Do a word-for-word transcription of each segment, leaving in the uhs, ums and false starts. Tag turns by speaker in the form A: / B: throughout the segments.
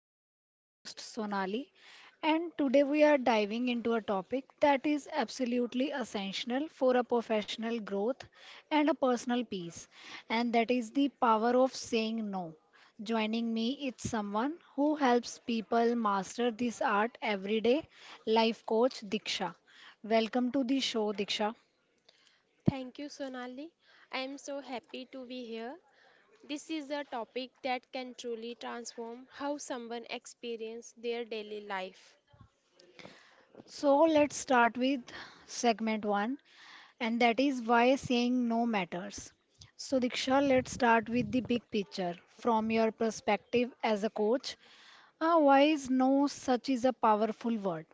A: I am your host, Sonali, and today we are diving into a topic that is absolutely essential for a professional growth and a personal peace, and that is the power of saying no. Joining me is someone who helps people master this art every day, life coach Diksha. Welcome to the show, Diksha.
B: Thank you, Sonali. I am so happy to be here. This is a topic that can truly transform how someone experiences their daily life.
A: So let's start with segment one, and that is why saying no matters. So, Diksha, let's start with the big picture. From your perspective as a coach, uh, why is no such is a powerful word?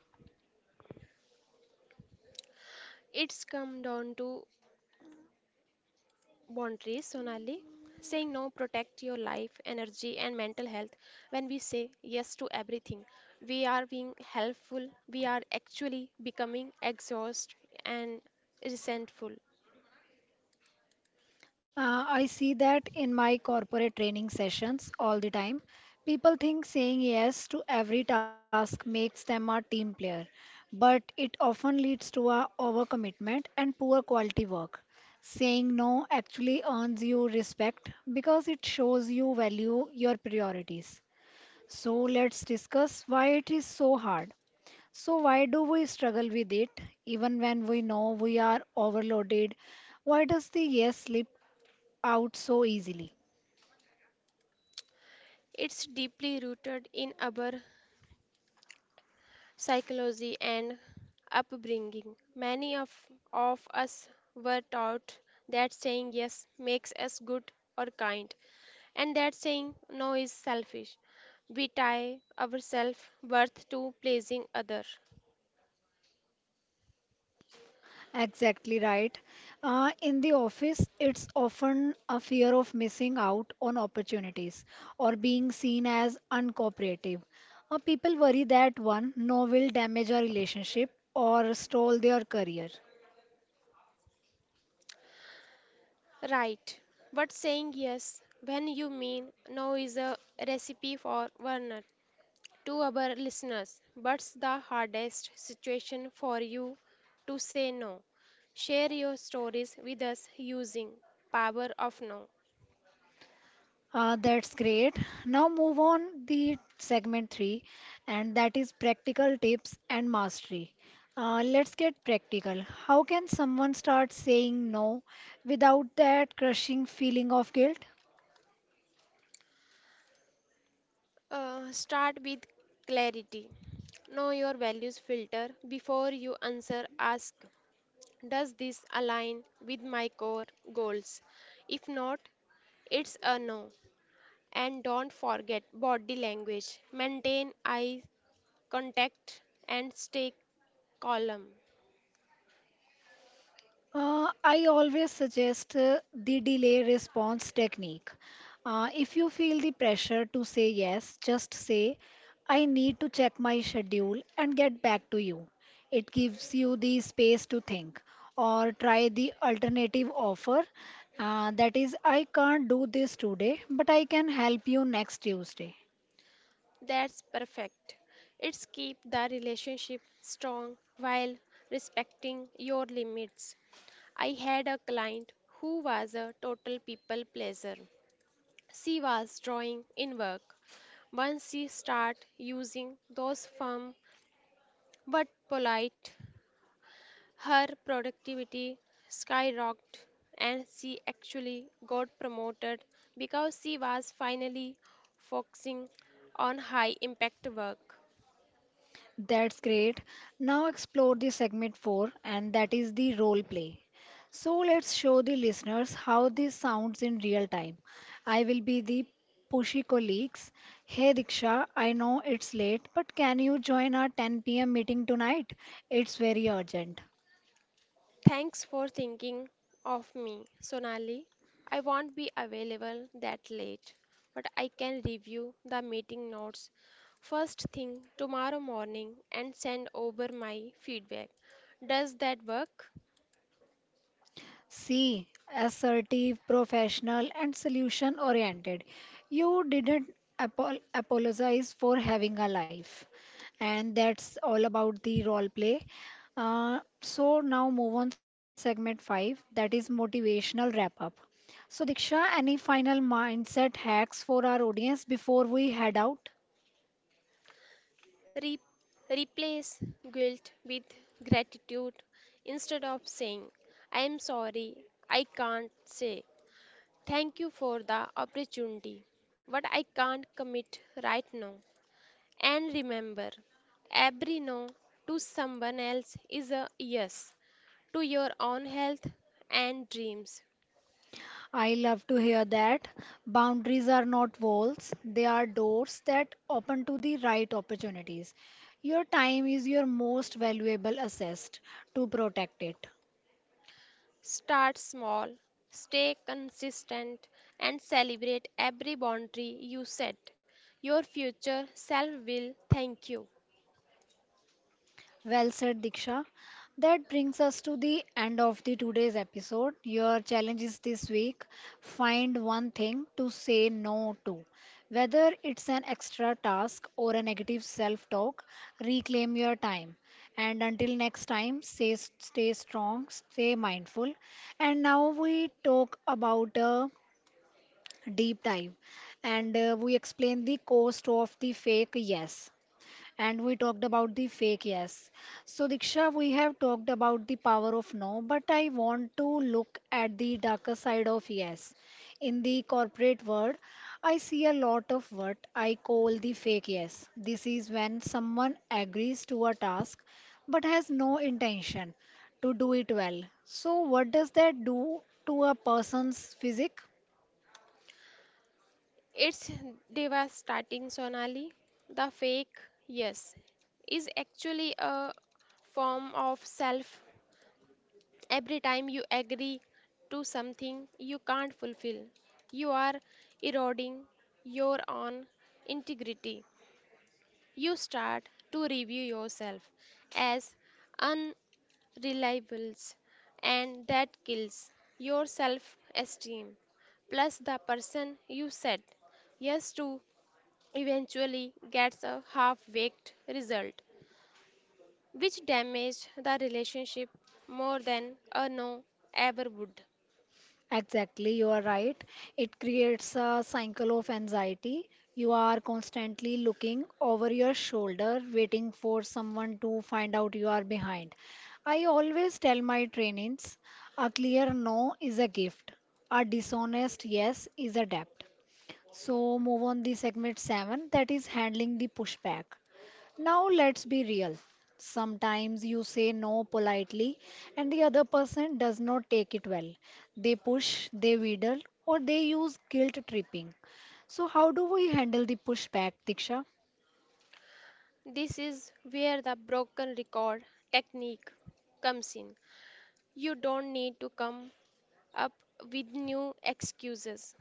B: It's come down to boundaries, Sonali. Saying no protect your life, energy, and mental health. When we say yes to everything, we are being helpful. We are actually becoming exhausted and resentful.
A: Uh, I see that in my corporate training sessions all the time. People think saying yes to every task makes them a team player, but it often leads to a overcommitment and poor quality work. Saying no actually earns you respect because it shows you value your priorities. So let's discuss why it is so hard. So why do we struggle with it even when we know we are overloaded? Why does the yes slip out so easily?
B: It's deeply rooted in our psychology, and upbringing. Many of, of us were taught that saying yes makes us good or kind, and that saying no is selfish. We tie our self worth to pleasing others,
A: Exactly right. Uh, in the office, it's often a fear of missing out on opportunities or being seen as uncooperative. Uh, people worry that one, no will damage our relationship or stall their career.
B: right, but saying yes when you mean no is a recipe for burnout. To our listeners, what's the hardest situation for you to say no? Share your stories with us using power of no.
A: Uh, that's great. Now move on the segment three, and that is practical tips and mastery. Uh, let's get practical. How can someone start saying no without that crushing feeling of guilt?
B: Uh, start with clarity. Know your values filter before you answer. Ask, does this align with my core goals? If not, it's a no. And don't forget body language. Maintain eye contact and stay calm.
A: Uh, I always suggest uh, the delay response technique. Uh, if you feel the pressure to say yes, just say, I need to check my schedule and get back to you. It gives you the space to think. Or try the alternative offer, uh, that is, I can't do this today, but I can help you next Tuesday.
B: That's perfect. It's keep the relationship strong while respecting your limits. I had a client who was a total people pleaser. She was drawing in work. Once she start using those firm but polite, her productivity skyrocketed and she actually got promoted because she was finally focusing on high impact work.
A: That's great. Now explore the segment four, and that is the role play. So let's show the listeners how this sounds in real time. I will be the pushy colleagues. Hey Diksha, I know it's late, but can you join our ten p m meeting tonight? It's very urgent.
B: Thanks for thinking of me, Sonali. I won't be available that late, but I can review the meeting notes first thing tomorrow morning and send over my feedback. Does that work?
A: C, assertive, professional, and solution oriented. You didn't apol- apologize for having a life. And that's all about the role play. Uh, so now move on segment five, that is motivational wrap up. So Diksha, any final mindset hacks for our audience before we head out?
B: Re- replace guilt with gratitude instead of saying, I am sorry, I can't say, thank you for the opportunity, but I can't commit right now. And remember, every no to someone else is a yes to your own health and dreams.
A: I love to hear that. Boundaries are not walls, they are doors that open to the right opportunities. Your time is your most valuable asset to protect it.
B: Start small, stay consistent, and celebrate every boundary you set. Your future self will thank you.
A: Well said, Diksha. That brings us to the end of the today's episode. Your challenge is this week find one thing to say no to. Whether it's an extra task or a negative self talk, reclaim your time. And until next time, stay, stay strong, stay mindful. And now we talk about a deep dive, and uh, we explain the cost of the fake yes, and we talked about the fake yes. So, Diksha, we have talked about the power of no, but I want to look at the darker side of yes. In the corporate world, I see a lot of what I call the fake yes. This is when someone agrees to a task but has no intention to do it well. So, what does that do to a person's physique?
B: It's devastating, Sonali. The fake yes is actually a form of self. Every time you agree to something you can't fulfill, you are eroding your own integrity. You start to review yourself as unreliables, and that kills your self esteem. Plus, the person you said yes to eventually gets a half baked result, which damages the relationship more than a no ever would.
A: Exactly, you are right. It creates a cycle of anxiety. You are constantly looking over your shoulder, waiting for someone to find out you are behind. I always tell my trainees a clear no is a gift, a dishonest yes is a debt. So, move on the segment seven, that is handling the pushback. Now let's be real. Sometimes you say no politely and the other person does not take it well. They push, they wheedle, or they use guilt tripping. So, how do we handle the pushback, Diksha?
B: This is where the broken record technique comes in. You don't need to come up with new excuses.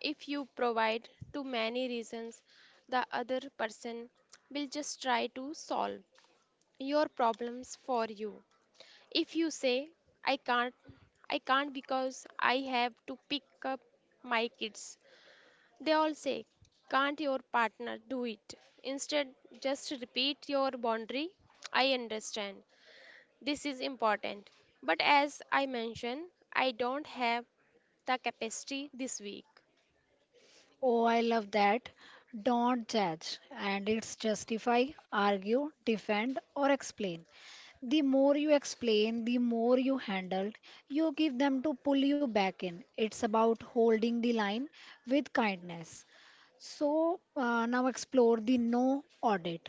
B: If you provide too many reasons, the other person will just try to solve your problems for you. If you say, I can't, I can't because I have to pick up my kids, they all say, can't your partner do it? Instead, just repeat your boundary. I understand. This is important. But as I mentioned, I don't have the capacity this week.
A: Oh, I love that. Don't judge, and it's justify, argue, defend, or explain. The more you explain, the more you handled, you give them to pull you back in. It's about holding the line with kindness. So uh, now explore the no audit.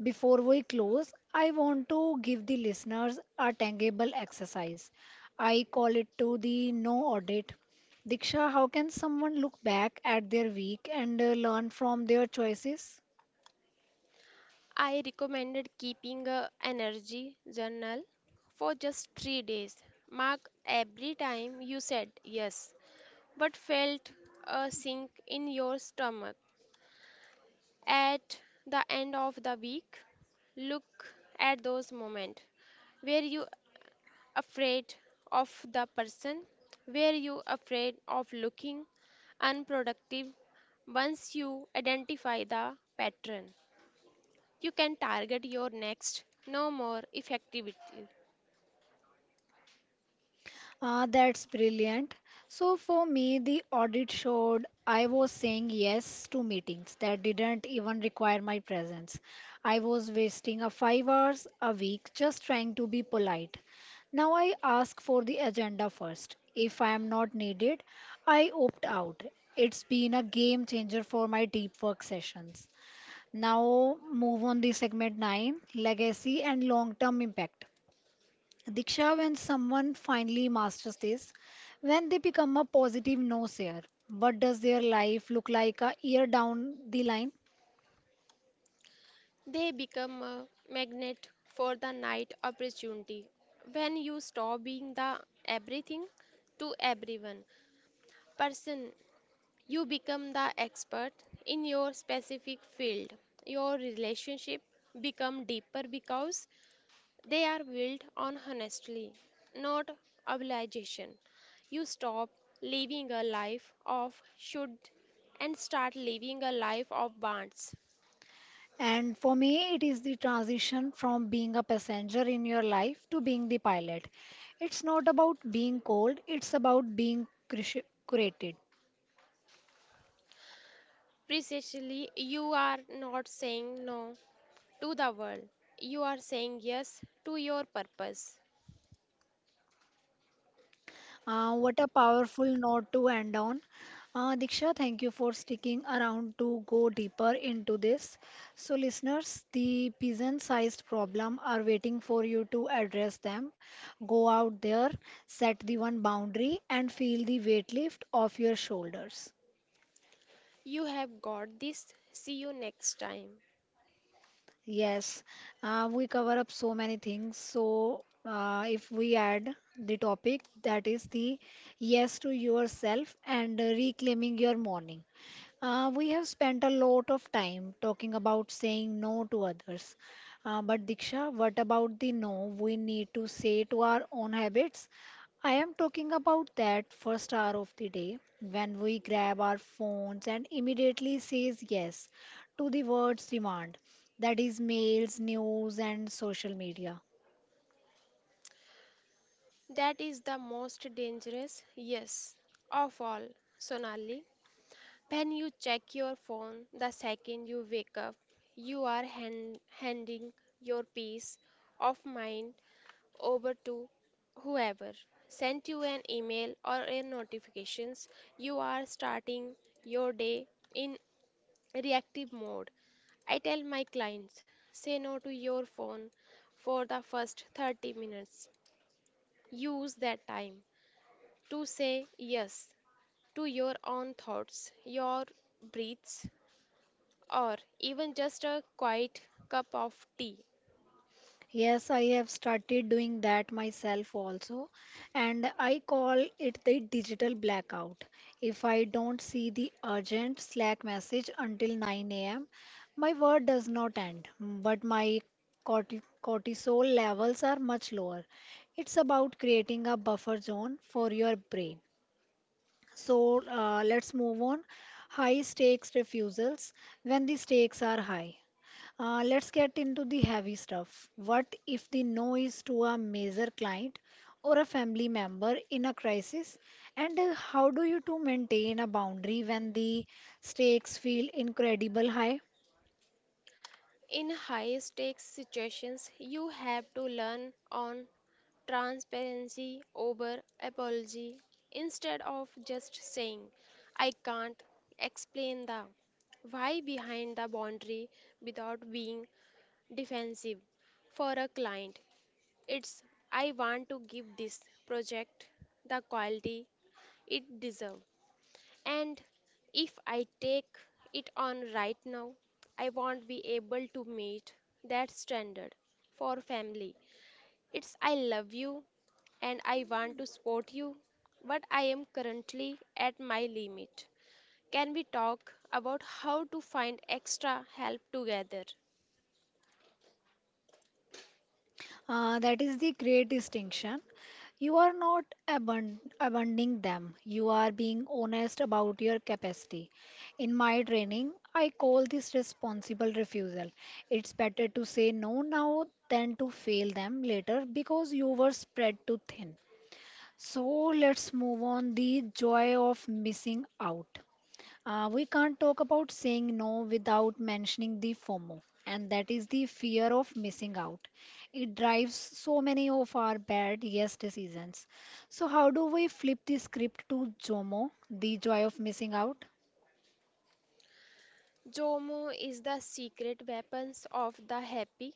A: Before we close, I want to give the listeners a tangible exercise. I call it to the no audit. Diksha, how can someone look back at their week and uh, learn from their choices?
B: I recommended keeping a energy journal for just three days. Mark every time you said yes, but felt a sink in your stomach. At the end of the week, look at those moments. Where you afraid of the person? Where you afraid of looking unproductive? Once you identify the pattern, you can target your next no more effectively.
A: Uh, that's brilliant. So, for me, the audit showed I was saying yes to meetings that didn't even require my presence. I was wasting a five hours a week just trying to be polite. Now I ask for the agenda first. If I am not needed, I opt out. It's been a game changer for my deep work sessions. Now move on the segment nine, legacy and long-term impact. Diksha, when someone finally masters this, when they become a positive naysayer, what does their life look like a year down the line?
B: They become a magnet for the night opportunity. When you stop being the everything to everyone person, you become the expert in your specific field. Your relationship become deeper because they are built on honestly, not obligation. You stop living a life of should and start living a life of bonds.
A: And for me, it is the transition from being a passenger in your life to being the pilot. It's not about being cold, it's about being cruci- curated.
B: Precisely, you are not saying no to the world. You are saying yes to your purpose.
A: Uh, what a powerful note to end on. Uh, Diksha, thank you for sticking around to go deeper into this. So, listeners, the pigeon sized problem are waiting for you to address them. Go out there, set the one boundary, and feel the weight lift off your shoulders.
B: You have got this. See you next time.
A: Yes, uh, we cover up so many things. So, uh, if we add the topic that is the yes to yourself and reclaiming your morning. Uh, we have spent a lot of time talking about saying no to others. Uh, but Diksha, what about the no we need to say to our own habits? I am talking about that first hour of the day when we grab our phones and immediately says yes to the words demand. That is mails, news, and social media.
B: That is the most dangerous, yes, of all, Sonali. When you check your phone the second you wake up, you are hand, handing your peace of mind over to whoever sent you an email or a notifications. You are starting your day in reactive mode. I tell my clients, say no to your phone for the first thirty minutes. Use that time to say yes to your own thoughts, your breaths, or even just a quiet cup of tea.
A: Yes, I have started doing that myself also, and I call it the digital blackout. If I don't see the urgent Slack message until nine a m, my work does not end, but my corti- cortisol levels are much lower. It's about creating a buffer zone for your brain. So uh, let's move on. High stakes refusals when the stakes are high. Uh, let's get into the heavy stuff. What if the no is to a major client or a family member in a crisis? And uh, how do you two maintain a boundary when the stakes feel incredible high?
B: In high stakes situations, you have to learn on transparency over apology instead of just saying, I can't explain the why behind the boundary without being defensive. For a client, it's I want to give this project the quality it deserves. And if I take it on right now, I won't be able to meet that standard for family. It's I love you and I want to support you, but I am currently at my limit. Can we talk about how to find extra help together?
A: Uh, that is the great distinction. You are not abun- abandoning them. You are being honest about your capacity. In my training, I call this responsible refusal. It's better to say no now than to fail them later because you were spread too thin. So let's move on the joy of missing out. Uh, we can't talk about saying no without mentioning the FOMO, and that is the fear of missing out. It drives so many of our bad yes decisions. So, how do we flip the script to JOMO, the joy of missing out?
B: Jomo is the secret weapons of the happy.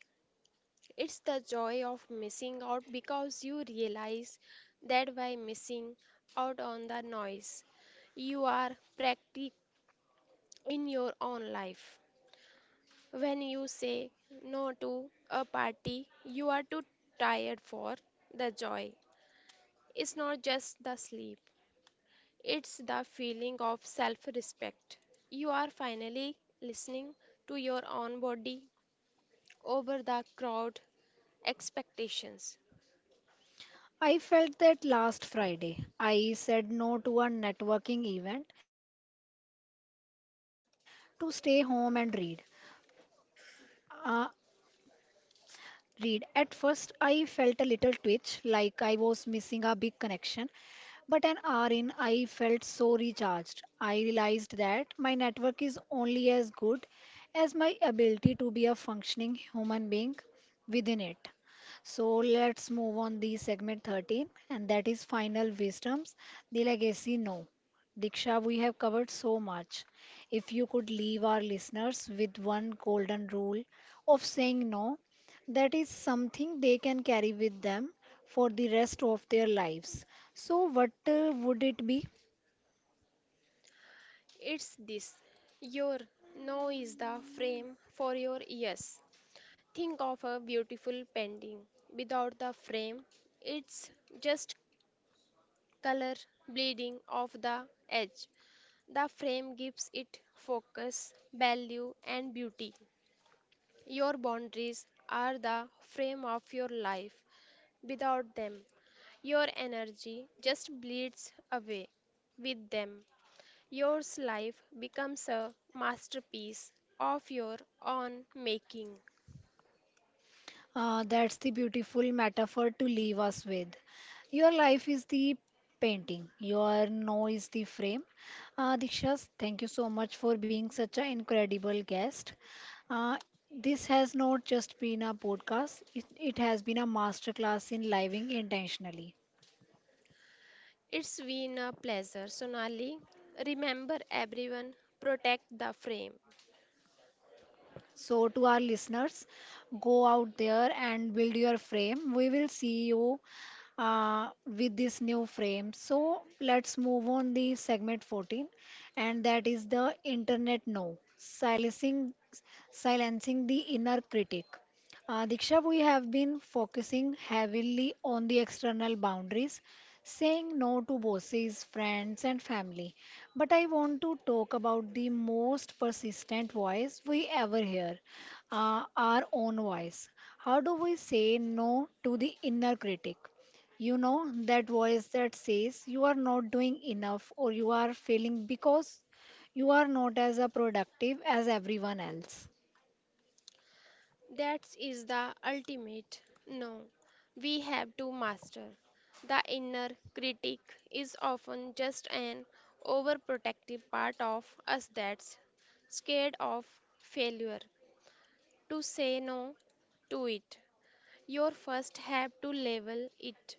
B: It's the joy of missing out because you realize that by missing out on the noise, you are practic in your own life. When you say no to a party you are too tired for, the joy. It's not just the sleep, it's the feeling of self respect. You are finally listening to your own body over the crowd expectations.
A: I felt that last Friday. I said no to a networking event to stay home and read. Uh, read. At first, I felt a little twitch, like I was missing a big connection, but an hour in, I felt so recharged. I realized that my network is only as good as my ability to be a functioning human being within it. So let's move on the segment thirteen, and that is final wisdoms, the legacy no. Diksha, we have covered so much. If you could leave our listeners with one golden rule of saying no, that is something they can carry with them for the rest of their lives. So, what uh, would it be?
B: It's this. Your no is the frame for your yes. Think of a beautiful painting. Without the frame, it's just color bleeding off the edge. The frame gives it focus, value, and beauty. Your boundaries are the frame of your life. Without them, your energy just bleeds away with them. Your life becomes a masterpiece of your own making.
A: Uh, that's the beautiful metaphor to leave us with. Your life is the painting, your no is the frame. Uh, Dikshas, thank you so much for being such an incredible guest. Uh, this has not just been a podcast, it, it has been a masterclass in living intentionally.
B: It's been a pleasure, Sonali. Remember, everyone, protect the frame.
A: So, to our listeners, go out there and build your frame. We will see you uh, with this new frame. So, let's move on the segment fourteen, and that is the internet no silencing silencing the inner critic. Uh, Diksha, we have been focusing heavily on the external boundaries, saying no to bosses, friends, and family. But I want to talk about the most persistent voice we ever hear, uh, our own voice. How do we say no to the inner critic? You know, that voice that says you are not doing enough or you are failing because you are not as uh, productive as everyone else.
B: That is the ultimate. No, we have to master. The inner critic is often just an overprotective part of us that's scared of failure. To say no to it, you first have to level it.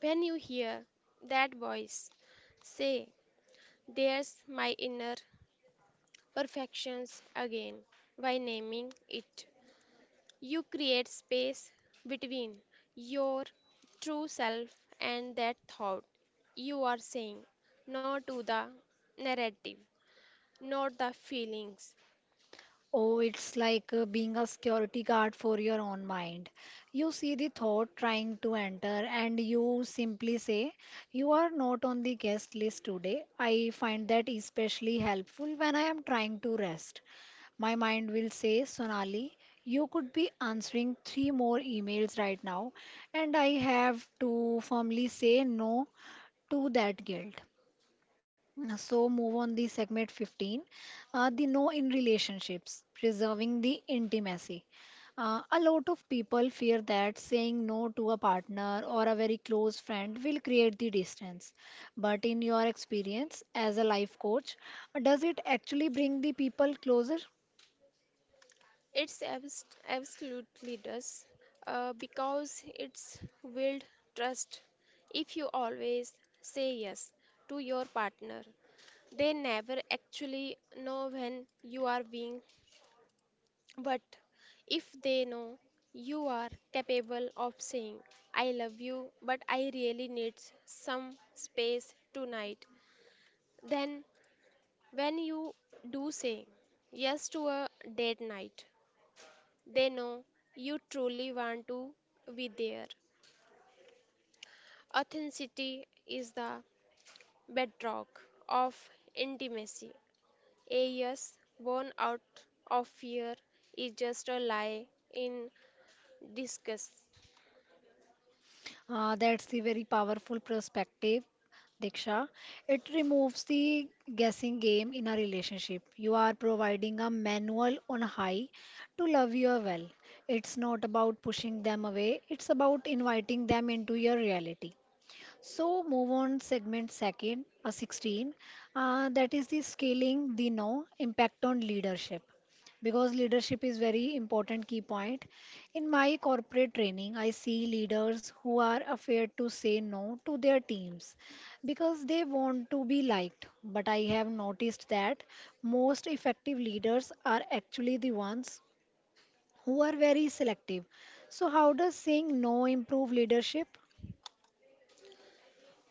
B: When you hear that voice, say, there's my inner perfections again, by naming it. You create space between your true self and that thought. You are saying no to the narrative, not the feelings.
A: Oh, it's like uh, being a security guard for your own mind. You see the thought trying to enter, and you simply say, you are not on the guest list today. I find that especially helpful when I am trying to rest. My mind will say, Sonali, you could be answering three more emails right now, and I have to firmly say no to that guilt. Uh, So move on the segment fifteen, uh, the no in relationships, preserving the intimacy. Uh, a lot of people fear that saying no to a partner or a very close friend will create the distance. But in your experience as a life coach, does it actually bring the people closer?
B: It's abs- absolutely does, uh, because it's willed trust. If you always say yes to your partner, they never actually know when you are being, but if they know, you are capable of saying, I love you, but I really need some space tonight. Then, when you do say yes to a date night, they know you truly want to be there. Authenticity is the bedrock of intimacy. A yes born out of fear is just a lie in disguise.
A: Uh, that's the very powerful perspective, Diksha. It removes the guessing game in a relationship. You are providing a manual on high to love you well. It's not about pushing them away, it's about inviting them into your reality. So move on segment second, uh, sixteen, uh, that is the scaling the no impact on leadership. Because leadership is very important key point. In my corporate training, I see leaders who are afraid to say no to their teams because they want to be liked. But I have noticed that most effective leaders are actually the ones who are very selective. So how does saying no improve leadership?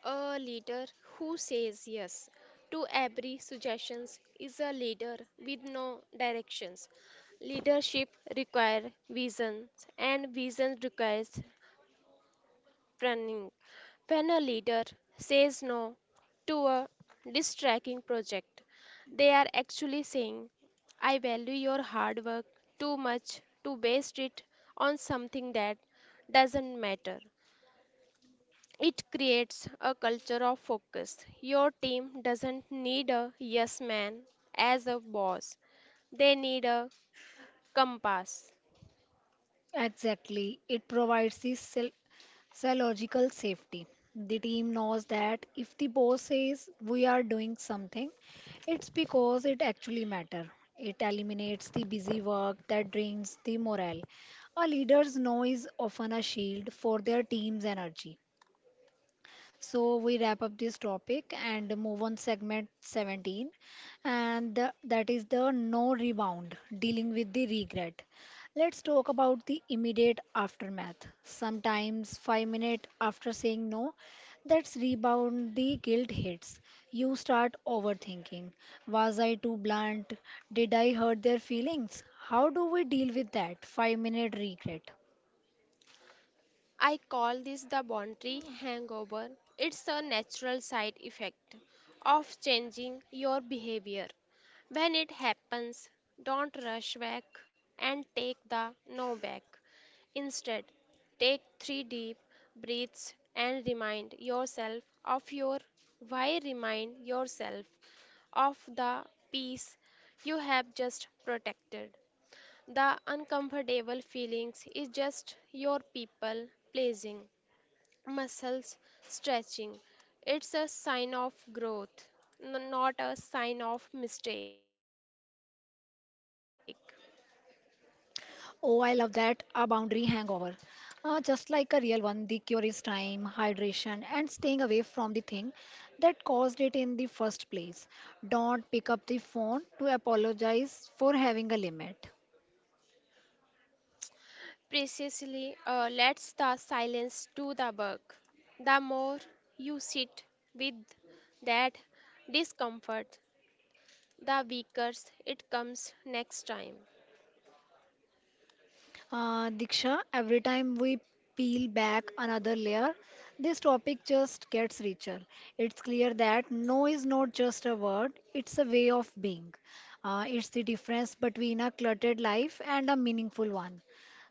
B: A leader who says yes to every suggestions is a leader with no directions. Leadership requires visions and vision requires running. When a leader says no to a distracting project, they are actually saying, I value your hard work too much to waste it on something that doesn't matter. It creates a culture of focus. Your team doesn't need a yes man as a boss. They need a compass.
A: Exactly. It provides this psy- psychological safety. The team knows that if the boss says we are doing something, it's because it actually matters. It eliminates the busy work that drains the morale. A leader's noise often a shield for their team's energy. So we wrap up this topic and move on segment seventeen and the- that is the no rebound dealing with the regret. Let's talk about the immediate aftermath. Sometimes five minutes after saying no, that's rebound the guilt hits. You start overthinking. Was I too blunt? Did I hurt their feelings? How do we deal with that five minute regret?
B: I call this the boundary hangover. It's a natural side effect of changing your behavior. When it happens, don't rush back and take the no back. Instead, take three deep breaths and remind yourself of your why, remind yourself of the peace you have just protected. The uncomfortable feelings is just your people pleasing muscles stretching. It's a sign of growth, n- not a sign of mistake.
A: Oh, I love that. A boundary hangover. Uh, just like a real one, the cure is time, hydration, and staying away from the thing that caused it in the first place. Don't pick up the phone to apologize for having a limit.
B: Precisely, uh, let the silence do the work. The more you sit with that discomfort, the weaker it comes next time.
A: Uh, Diksha, every time we peel back another layer, this topic just gets richer. It's clear that no is not just a word, it's a way of being. Uh, it's the difference between a cluttered life and a meaningful one.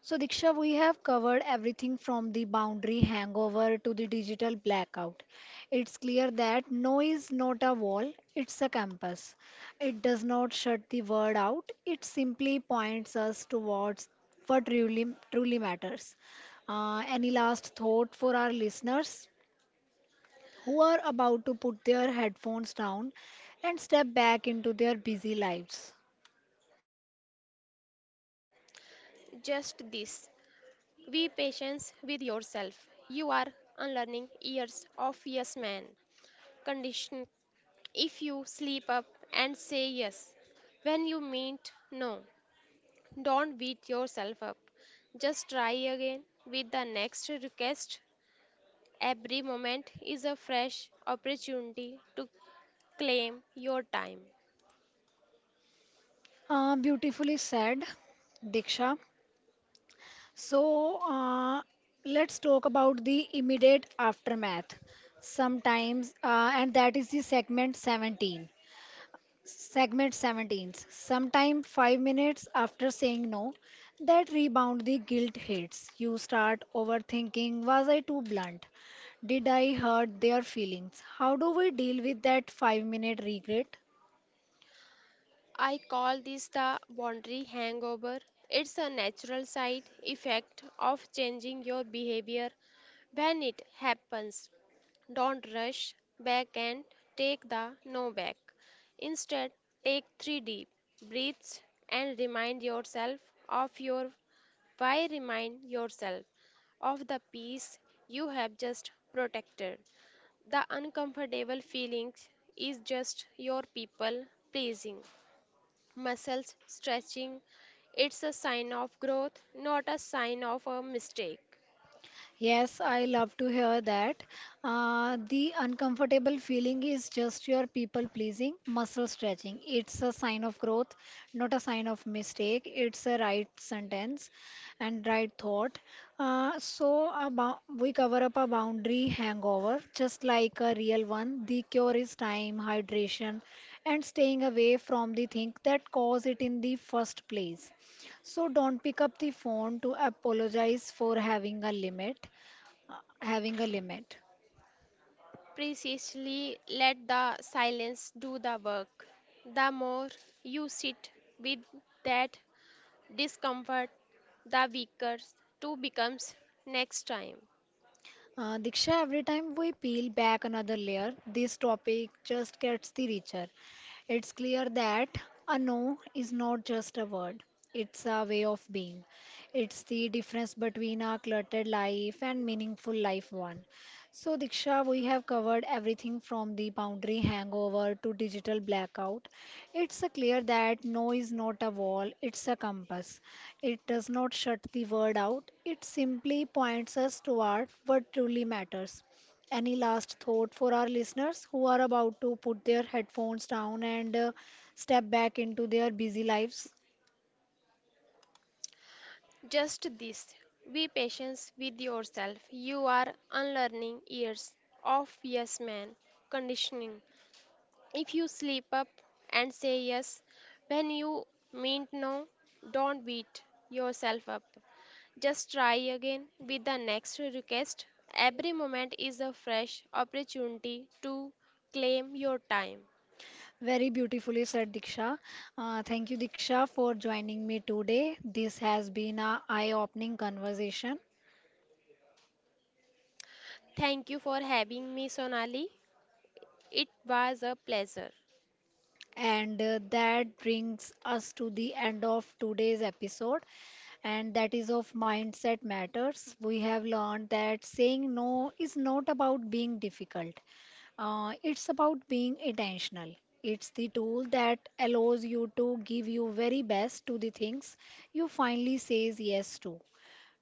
A: So, Diksha, we have covered everything from the boundary hangover to the digital blackout. It's clear that no is not a wall, it's a campus. It does not shut the word out. It simply points us towards what truly truly matters. Uh, any last thought for our listeners who are about to put their headphones down and step back into their busy lives?
B: Just this be patient with yourself. You are unlearning years of yes man condition. If you sleep up and say yes when you meant no, don't beat yourself up. Just try again with the next request. Every moment is a fresh opportunity to claim your time.
A: Uh, beautifully said, Diksha. So uh, let's talk about the immediate aftermath. Sometimes, uh, and that is the segment seventeen. Segment seventeen. Sometime five minutes after saying no, that rebound the guilt hits. You start overthinking was I too blunt? Did I hurt their feelings? How do we deal with that five minute regret?
B: I call this the boundary hangover. It's a natural side effect of changing your behavior when it happens. Don't rush back and take the no back. Instead, take three deep breaths and remind yourself of your why. Remind yourself of the peace you have just protected. The uncomfortable feeling is just your people pleasing. Muscles stretching. It's a sign of growth, not a sign of a mistake.
A: Yes, I love to hear that. Uh, the uncomfortable feeling is just your people pleasing, muscle stretching. It's a sign of growth, not a sign of mistake. It's a right sentence and right thought. Uh, so, a bou- we cover up a boundary hangover, just like a real one. The cure is time, hydration, and staying away from the thing that caused it in the first place. So, don't pick up the phone to apologize for having a limit uh, having a limit.
B: Precisely, let the silence do the work. The more you sit with that discomfort, the weaker two becomes next time.
A: Uh, Diksha, every time we peel back another layer, this topic just gets the richer. It's clear that a no is not just a word, it's a way of being. It's the difference between a cluttered life and meaningful life one. So, Diksha, we have covered everything from the boundary hangover to digital blackout. It's a clear that no is not a wall, it's a compass. It does not shut the word out, it simply points us toward what truly matters. Any last thought for our listeners who are about to put their headphones down and uh, step back into their busy lives?
B: Just this be patient with yourself. You are unlearning years of yes man conditioning. If you slip up and say yes when you meant no, don't beat yourself up. Just try again with the next request. Every moment is a fresh opportunity to claim your time.
A: Very beautifully said, Diksha. Uh, thank you, Diksha, for joining me today. This has been a eye-opening conversation.
B: Thank you for having me, Sonali. It was a pleasure.
A: And uh, that brings us to the end of today's episode. And that is of Mindset Matters. We have learned that saying no is not about being difficult, uh, it's about being intentional. It's the tool that allows you to give your very best to the things you finally says yes to.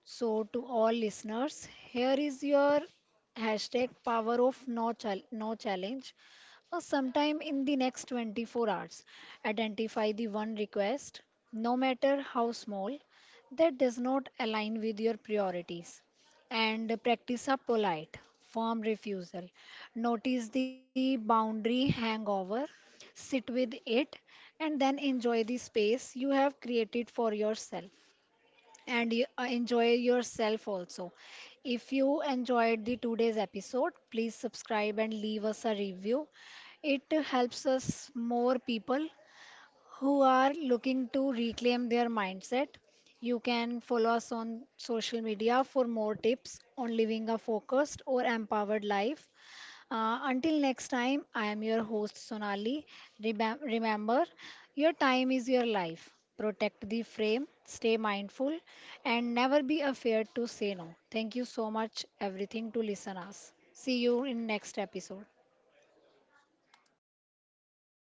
A: So, to all listeners, here is your hashtag power of no, chal- no challenge or sometime in the next twenty-four hours. Identify the one request, no matter how small, that does not align with your priorities. And practice a polite, firm refusal. Notice the boundary hangover, sit with it, and then enjoy the space you have created for yourself and you, uh, enjoy yourself also. If you enjoyed the today's episode, please subscribe and leave us a review. It helps us more people who are looking to reclaim their mindset. You can follow us on social media for more tips on living a focused or empowered life. Uh, until next time, I am your host Sonali. Remem- remember, your time is your life. Protect the frame, stay mindful, and never be afraid to say no. Thank you so much, everything, to listen us. See you in next episode.